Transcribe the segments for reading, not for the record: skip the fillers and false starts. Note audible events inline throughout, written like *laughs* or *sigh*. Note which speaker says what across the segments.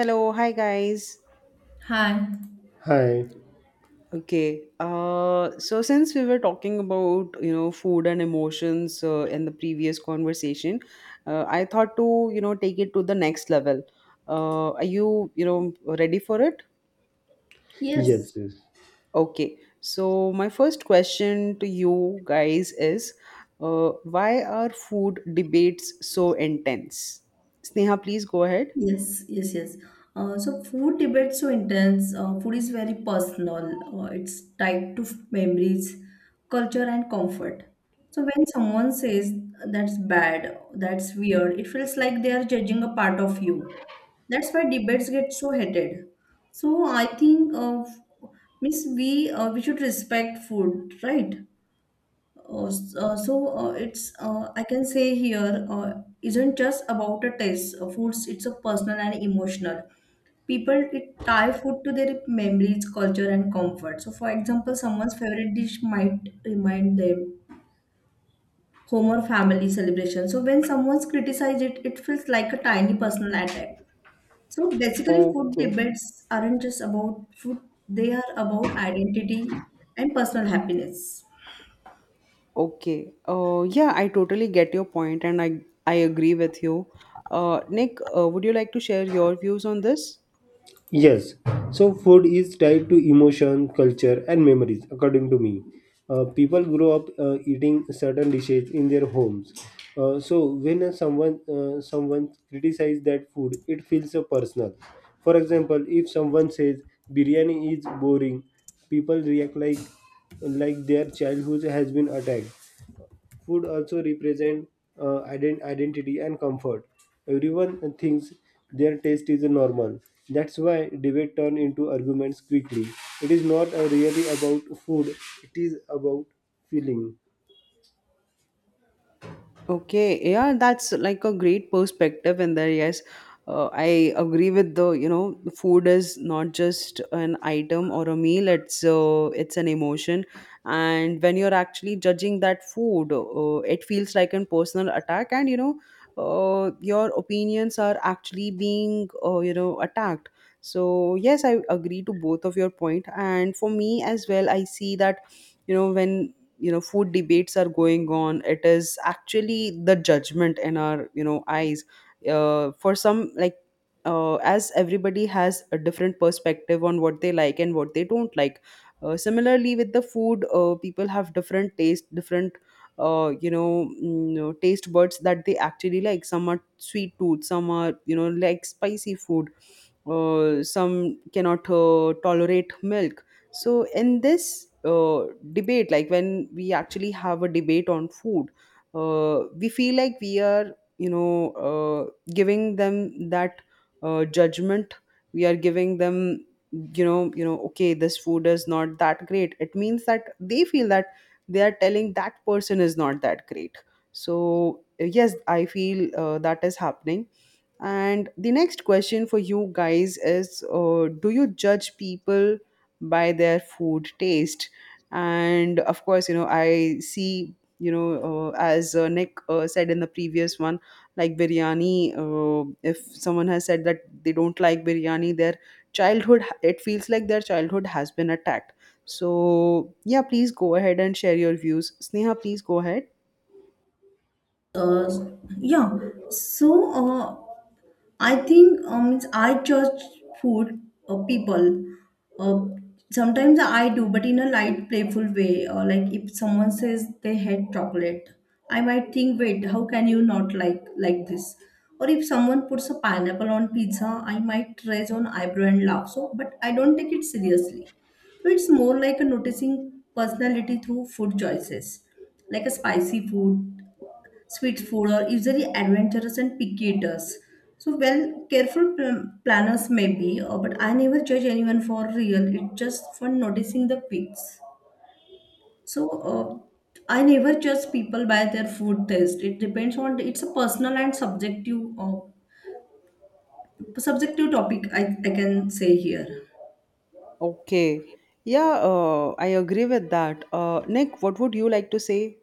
Speaker 1: Hello, hi guys.
Speaker 2: Hi.
Speaker 3: Hi.
Speaker 1: Okay. So since we were talking about food and emotions in the previous conversation, I thought to take it to the next level. Are you you know ready for it?
Speaker 2: Yes,
Speaker 3: Yes, yes.
Speaker 1: Okay. So my first question to you guys is, uh, why are food debates so intense? Sneha, please go ahead.
Speaker 2: yes. So food debate's so intense. Food is very personal. It's tied to memories, culture, and comfort. So when someone says that's bad, that's weird, it feels like they are judging a part of you. That's why debates get so hated. So I think means we should respect food, right? S- so it's I can say here, isn't just about a taste. Foods it's a personal and emotional. People it tie food to their memories, culture, and comfort. So, for example, someone's favorite dish might remind them home or family celebration. So, when someone's criticized it, it feels like a tiny personal attack. So, basically, food
Speaker 1: Okay.
Speaker 2: debates aren't just about food; they are about identity and personal happiness.
Speaker 1: Okay. Yeah, I totally get your point and I agree with you. Nick, would you like to share your views on this?
Speaker 3: Yes. So food is tied to emotion, culture, and memories, according to me. People grow up eating certain dishes in their homes. So when someone criticizes that food, it feels so personal. For example, if someone says biryani is boring, people react like their childhood has been attacked. Food also represent identity and comfort. Everyone thinks their taste is normal. That's why debate turn into arguments quickly. It is not really about food, it is about feeling.
Speaker 1: Okay, yeah, that's like a great perspective in there. Yes, I agree with the food is not just an item or a meal. It's an emotion, and when you're actually judging that food, it feels like a personal attack, and your opinions are actually being attacked. So yes, I agree to both of your point, and for me as well, I see that when food debates are going on, it is actually the judgment in our eyes for some, like as everybody has a different perspective on what they like and what they don't like, similarly with the food, people have different taste, different taste buds, that they actually like. Some are sweet tooth, some are like spicy food, some cannot tolerate milk. So in this debate, like when we actually have a debate on food, we feel like we are giving them that, judgment. We are giving them, you know, okay, this food is not that great. It means that they feel that they are telling that person is not that great. So yes, I feel that is happening. And the next question for you guys is, do you judge people by their food taste? And of course, you know, I see, you know, as Nick said in the previous one, like biryani, if someone has said that they don't like biryani, their childhood, it feels like their childhood has been attacked. So, yeah, please go ahead and share your views. Sneha, please go ahead.
Speaker 2: uh, yeah so uh, I judge food people uh, sometimes I do, but in a light playful way. Like if someone says they hate chocolate, I might think, wait, how can you not like this? Or if someone puts a pineapple on pizza, I might raise an eyebrow and laugh. So but I don't take it seriously. So it's more like a noticing personality through food choices, like a spicy food, sweet food, or usually adventurous and picky eaters. So, well, careful planners maybe, but I never judge anyone for real. It's just for noticing the pics. So, I never judge people by their food taste. It depends on it's a personal and subjective topic. I can say here.
Speaker 1: Okay. Yeah, I agree with that. Nick, what would you like to say?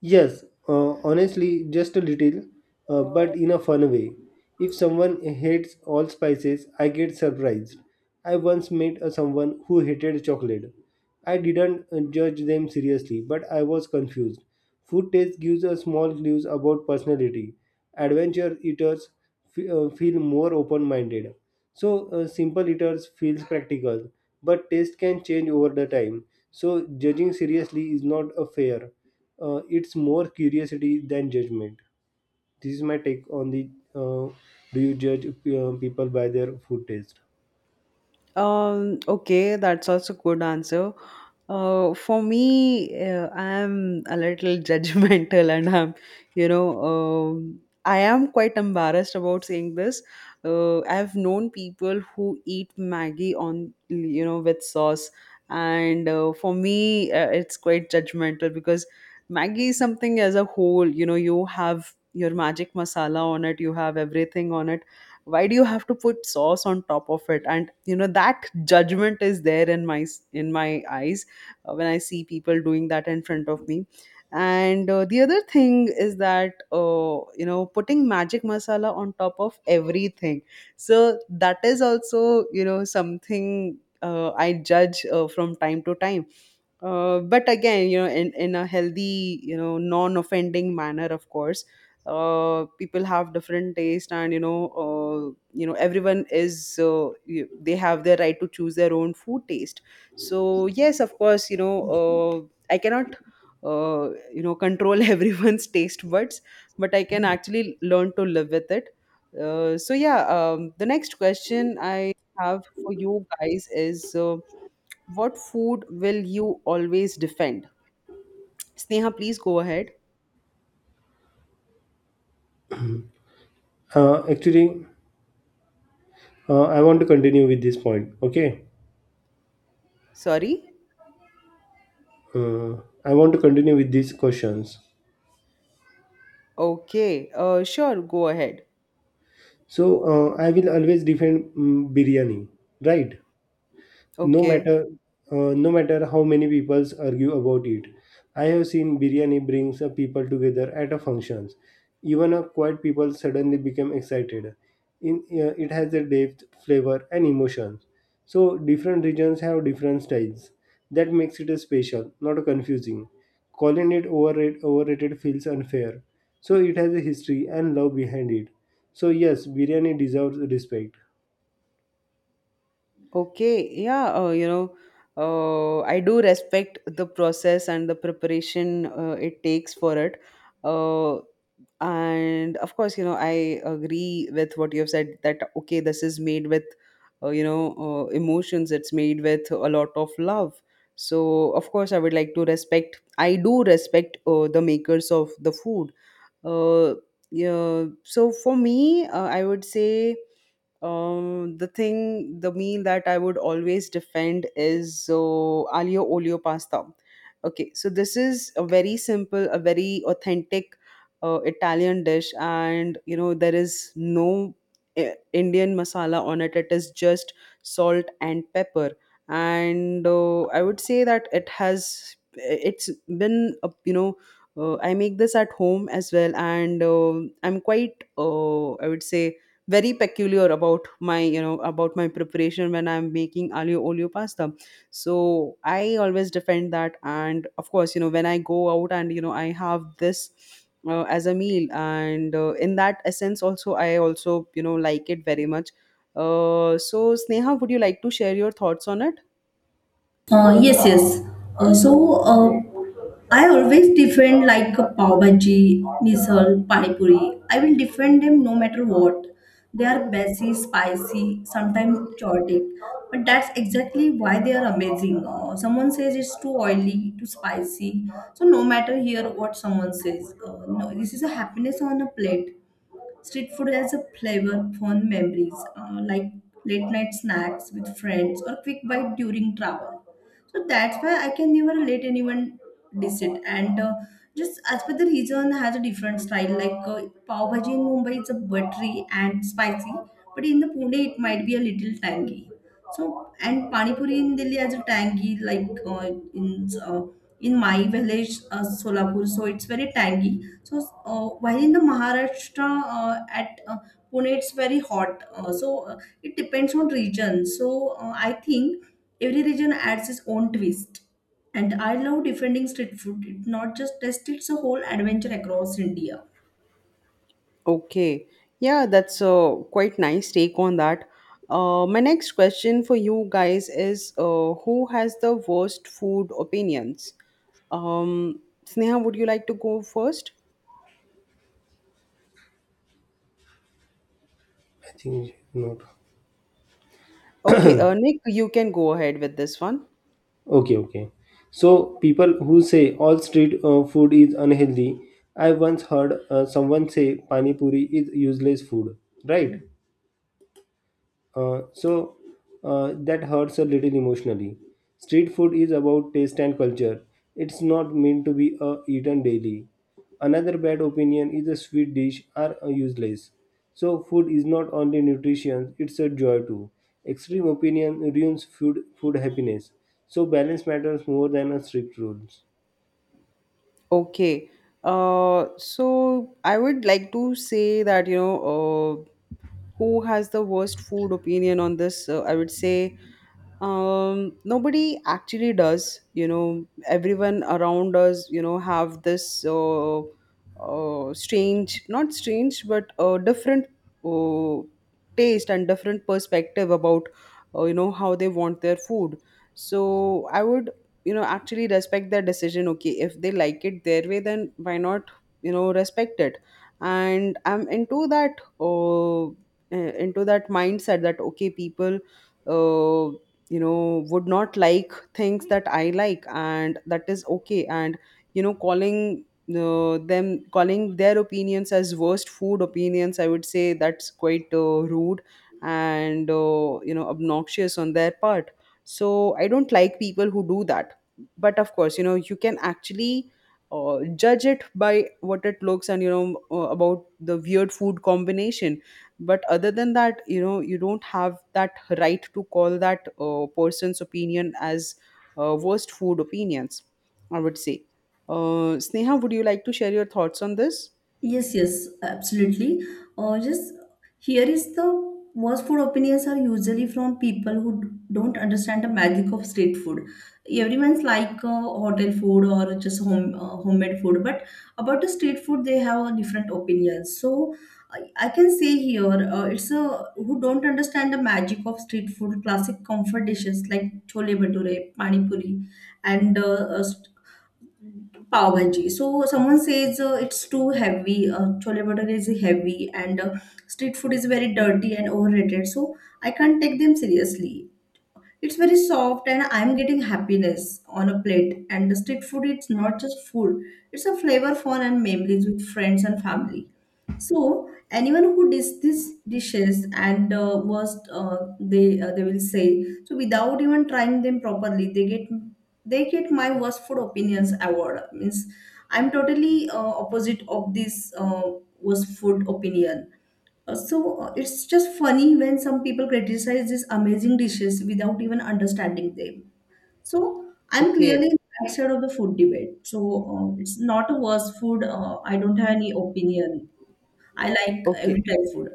Speaker 3: Yes, honestly, just a little, but in a fun way. If someone hates all spices, I get surprised. I once met a someone who hated chocolate. I didn't judge them seriously, but I was confused. Food taste gives us small clues about personality. Adventure eaters feel more open minded. So, simple eaters feels practical, but taste can change over the time. So, judging seriously is not a fair. It's more curiosity than judgment. This is my take on the uh, do you judge people by their food taste?
Speaker 1: Okay, that's also a good answer. For me, I am a little *laughs* judgmental, and I'm, you know, I am quite embarrassed about saying this. I've known people who eat Maggie on, you know, with sauce. And for me, it's quite judgmental because Maggie is something as a whole, you know, you have your magic masala on it, you have everything on it. Why do you have to put sauce on top of it? And you know, that judgment is there in my, in my eyes when I see people doing that in front of me. And the other thing is that, you know, putting magic masala on top of everything, so that is also, you know, something I judge from time to time. But again, you know, in a healthy, you know, non-offending manner, of course. Uh, people have different taste, and you know, everyone is, you, they have their right to choose their own food taste. So yes, of course, you know, I cannot you know control *laughs* everyone's taste buds, but I can actually learn to live with it. Uh, so yeah, the next question I have for you guys is, what food will you always defend? Sneha, please go ahead.
Speaker 3: Actually, I want to continue with this point. Okay,
Speaker 1: Sorry?
Speaker 3: uh, I want to continue with these questions.
Speaker 1: Okay. Sure, go ahead.
Speaker 3: So, I will always defend biryani, right? No
Speaker 1: Okay.
Speaker 3: matter no matter how many people argue about it. I have seen biryani brings people together at a functions. Even a quiet people suddenly become excited. In it has a depth flavor and emotions. So different regions have different styles, that makes it a special not confusing. Calling it overrated feels unfair. So it has a history and love behind it. So yes, biryani deserves respect.
Speaker 1: Okay, yeah, you know, I do respect the process and the preparation it takes for it. Uh, and of course, you know, I agree with what you have said that, okay, this is made with, you know, emotions, it's made with a lot of love. So, of course, I would like to respect, I do respect the makers of the food. Uh, yeah, so for me, I would say the thing, the meal that I would always defend is aglio olio pasta. Okay, so this is a very simple, a very authentic Italian dish, and you know there is no Indian masala on it. It is just salt and pepper, and I would say that it has, eh, it's been a, you know. I make this at home as well, and I'm quite, I would say, very peculiar about my, you know, about my preparation when I'm making alio olio pasta. So I always defend that, and of course, you know, when I go out and you know I have this as a meal, and in that essence also, I also, you know, like it very much. Uh, so Sneha, would you like to share your thoughts on it?
Speaker 2: Yes. So I always defend like a pav bhaji, misal, pani puri. I will defend them no matter what. They are messy, spicy, sometimes chaotic, but that's exactly why they are amazing. Someone says it's too oily, too spicy. So no matter here what someone says, no, this is a happiness on a plate. Street food has a flavor, fun memories, like late night snacks with friends or quick bite during travel, so that's why I can never let anyone decent and just as per the region has a different style, like pav bhaji in Mumbai, it's a buttery and spicy, but in the Pune, it might be a little tangy. So and pani puri in Delhi has a tangy, like in uh, in my village Solapur, so it's very tangy. So while in the maharashtra uh, at uh, Pune, it's very hot, so it depends on region. So I think every region adds its own twist. And I love defending street food. It not just tastes, it's a whole adventure across India.
Speaker 1: Okay. Yeah, that's a quite nice take on that. My next question for you guys is, who has the worst food opinions? Um, Sneha, would you like to go first?
Speaker 3: I think not.
Speaker 1: Okay, Nick, you can go ahead with this one.
Speaker 3: Okay, okay. So people who say all street food is unhealthy, I once heard someone say pani puri is useless food, right? So that hurts a little emotionally. Street food is about taste and culture. It's not meant to be eaten daily. Another bad opinion is a sweet dish are useless. So food is not only nutrition, it's a joy too. Extreme opinion ruins food happiness. So balance matters more than a strict rules.
Speaker 1: Okay. So I would like to say that, you know, who has the worst food opinion on this? I would say, um, nobody actually does. You know, everyone around us, you know, have this strange, not strange, but different uh, taste and different perspective about you know how they want their food. So I would, you know, actually respect their decision. Okay, if they like it their way, then why not, you know, respect it. And I'm into that, into that mindset that, okay, people uh you know would not like things that I like, and that is okay. And you know calling them, calling their opinions as worst food opinions, I would say that's quite rude and you know, obnoxious on their part. So I don't like people who do that. But of course, you know, you can actually judge it by what it looks, and you know, about the weird food combination. But other than that, you know, you don't have that right to call that person's opinion as worst food opinions, I would say. Uh, Sneha, would you like to share your thoughts on this?
Speaker 2: Yes, absolutely. Just here is the worst food opinions are usually from people who don't understand the magic of street food. Everyone's like hotel food or just homemade food, but about the street food they have a different opinions. So I, I can say here, it's a who don't understand the magic of street food, classic comfort dishes like chole bhature, pani puri, and uh, pav bhaji. So someone says it's too heavy. Chole bhature is heavy, and street food is very dirty and overrated. So I can't take them seriously. It's very soft and I'm getting happiness on a plate. And the street food, it's not just food, it's a flavor, fun, and memories with friends and family. So anyone who does these dishes and was they will say so without even trying them properly, they get my worst food opinions award means I'm totally opposite of this worst food opinion. So it's just funny when some people criticize these amazing dishes without even understanding them. So I'm
Speaker 1: Okay.
Speaker 2: clearly on the right side of the food debate. So it's not a worse food. I don't have any opinion. I like every
Speaker 1: Okay.
Speaker 2: type of food.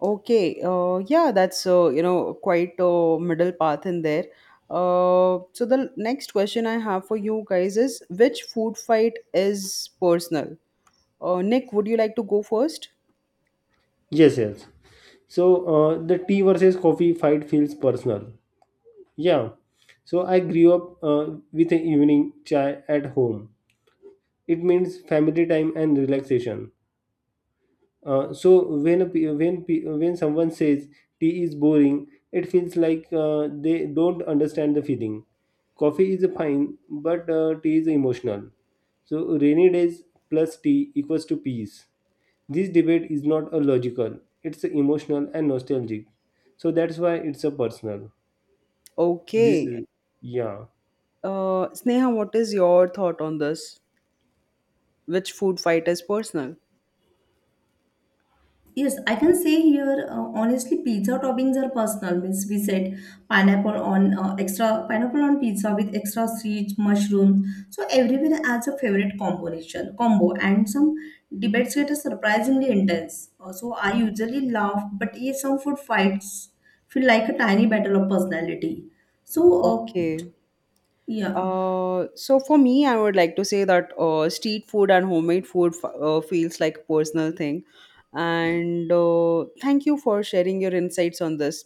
Speaker 1: Okay, yeah, that's, you know, quite a middle path in there. Uh, so the next question I have for you guys is, which food fight is personal? Uh, Nick, would you like to go first?
Speaker 3: Yes, yes. So the tea versus coffee fight feels personal. Yeah. So I grew up with an evening chai at home. It means family time and relaxation. So when a, pe- when someone says tea is boring, it feels like they don't understand the feeling. Coffee is fine, but tea is emotional. So rainy days plus tea equals to peace. This debate is not a logical. It's emotional and nostalgic. So that's why it's a personal. This
Speaker 1: Okay.
Speaker 3: is yeah.
Speaker 1: Sneha, what is your thought on this? Which food fight is personal?
Speaker 2: Yes, I can say here honestly, pizza toppings are personal. Means we said pineapple on extra pineapple on pizza with extra seeds, mushrooms. So everyone adds a favorite combination combo, and some debates get surprisingly intense. So I usually laugh, but yes, some food fights feel like a tiny battle of personality. So
Speaker 1: Okay.
Speaker 2: yeah.
Speaker 1: So for me, I would like to say that street food and homemade food feels like a personal thing. And thank you for sharing your insights on this.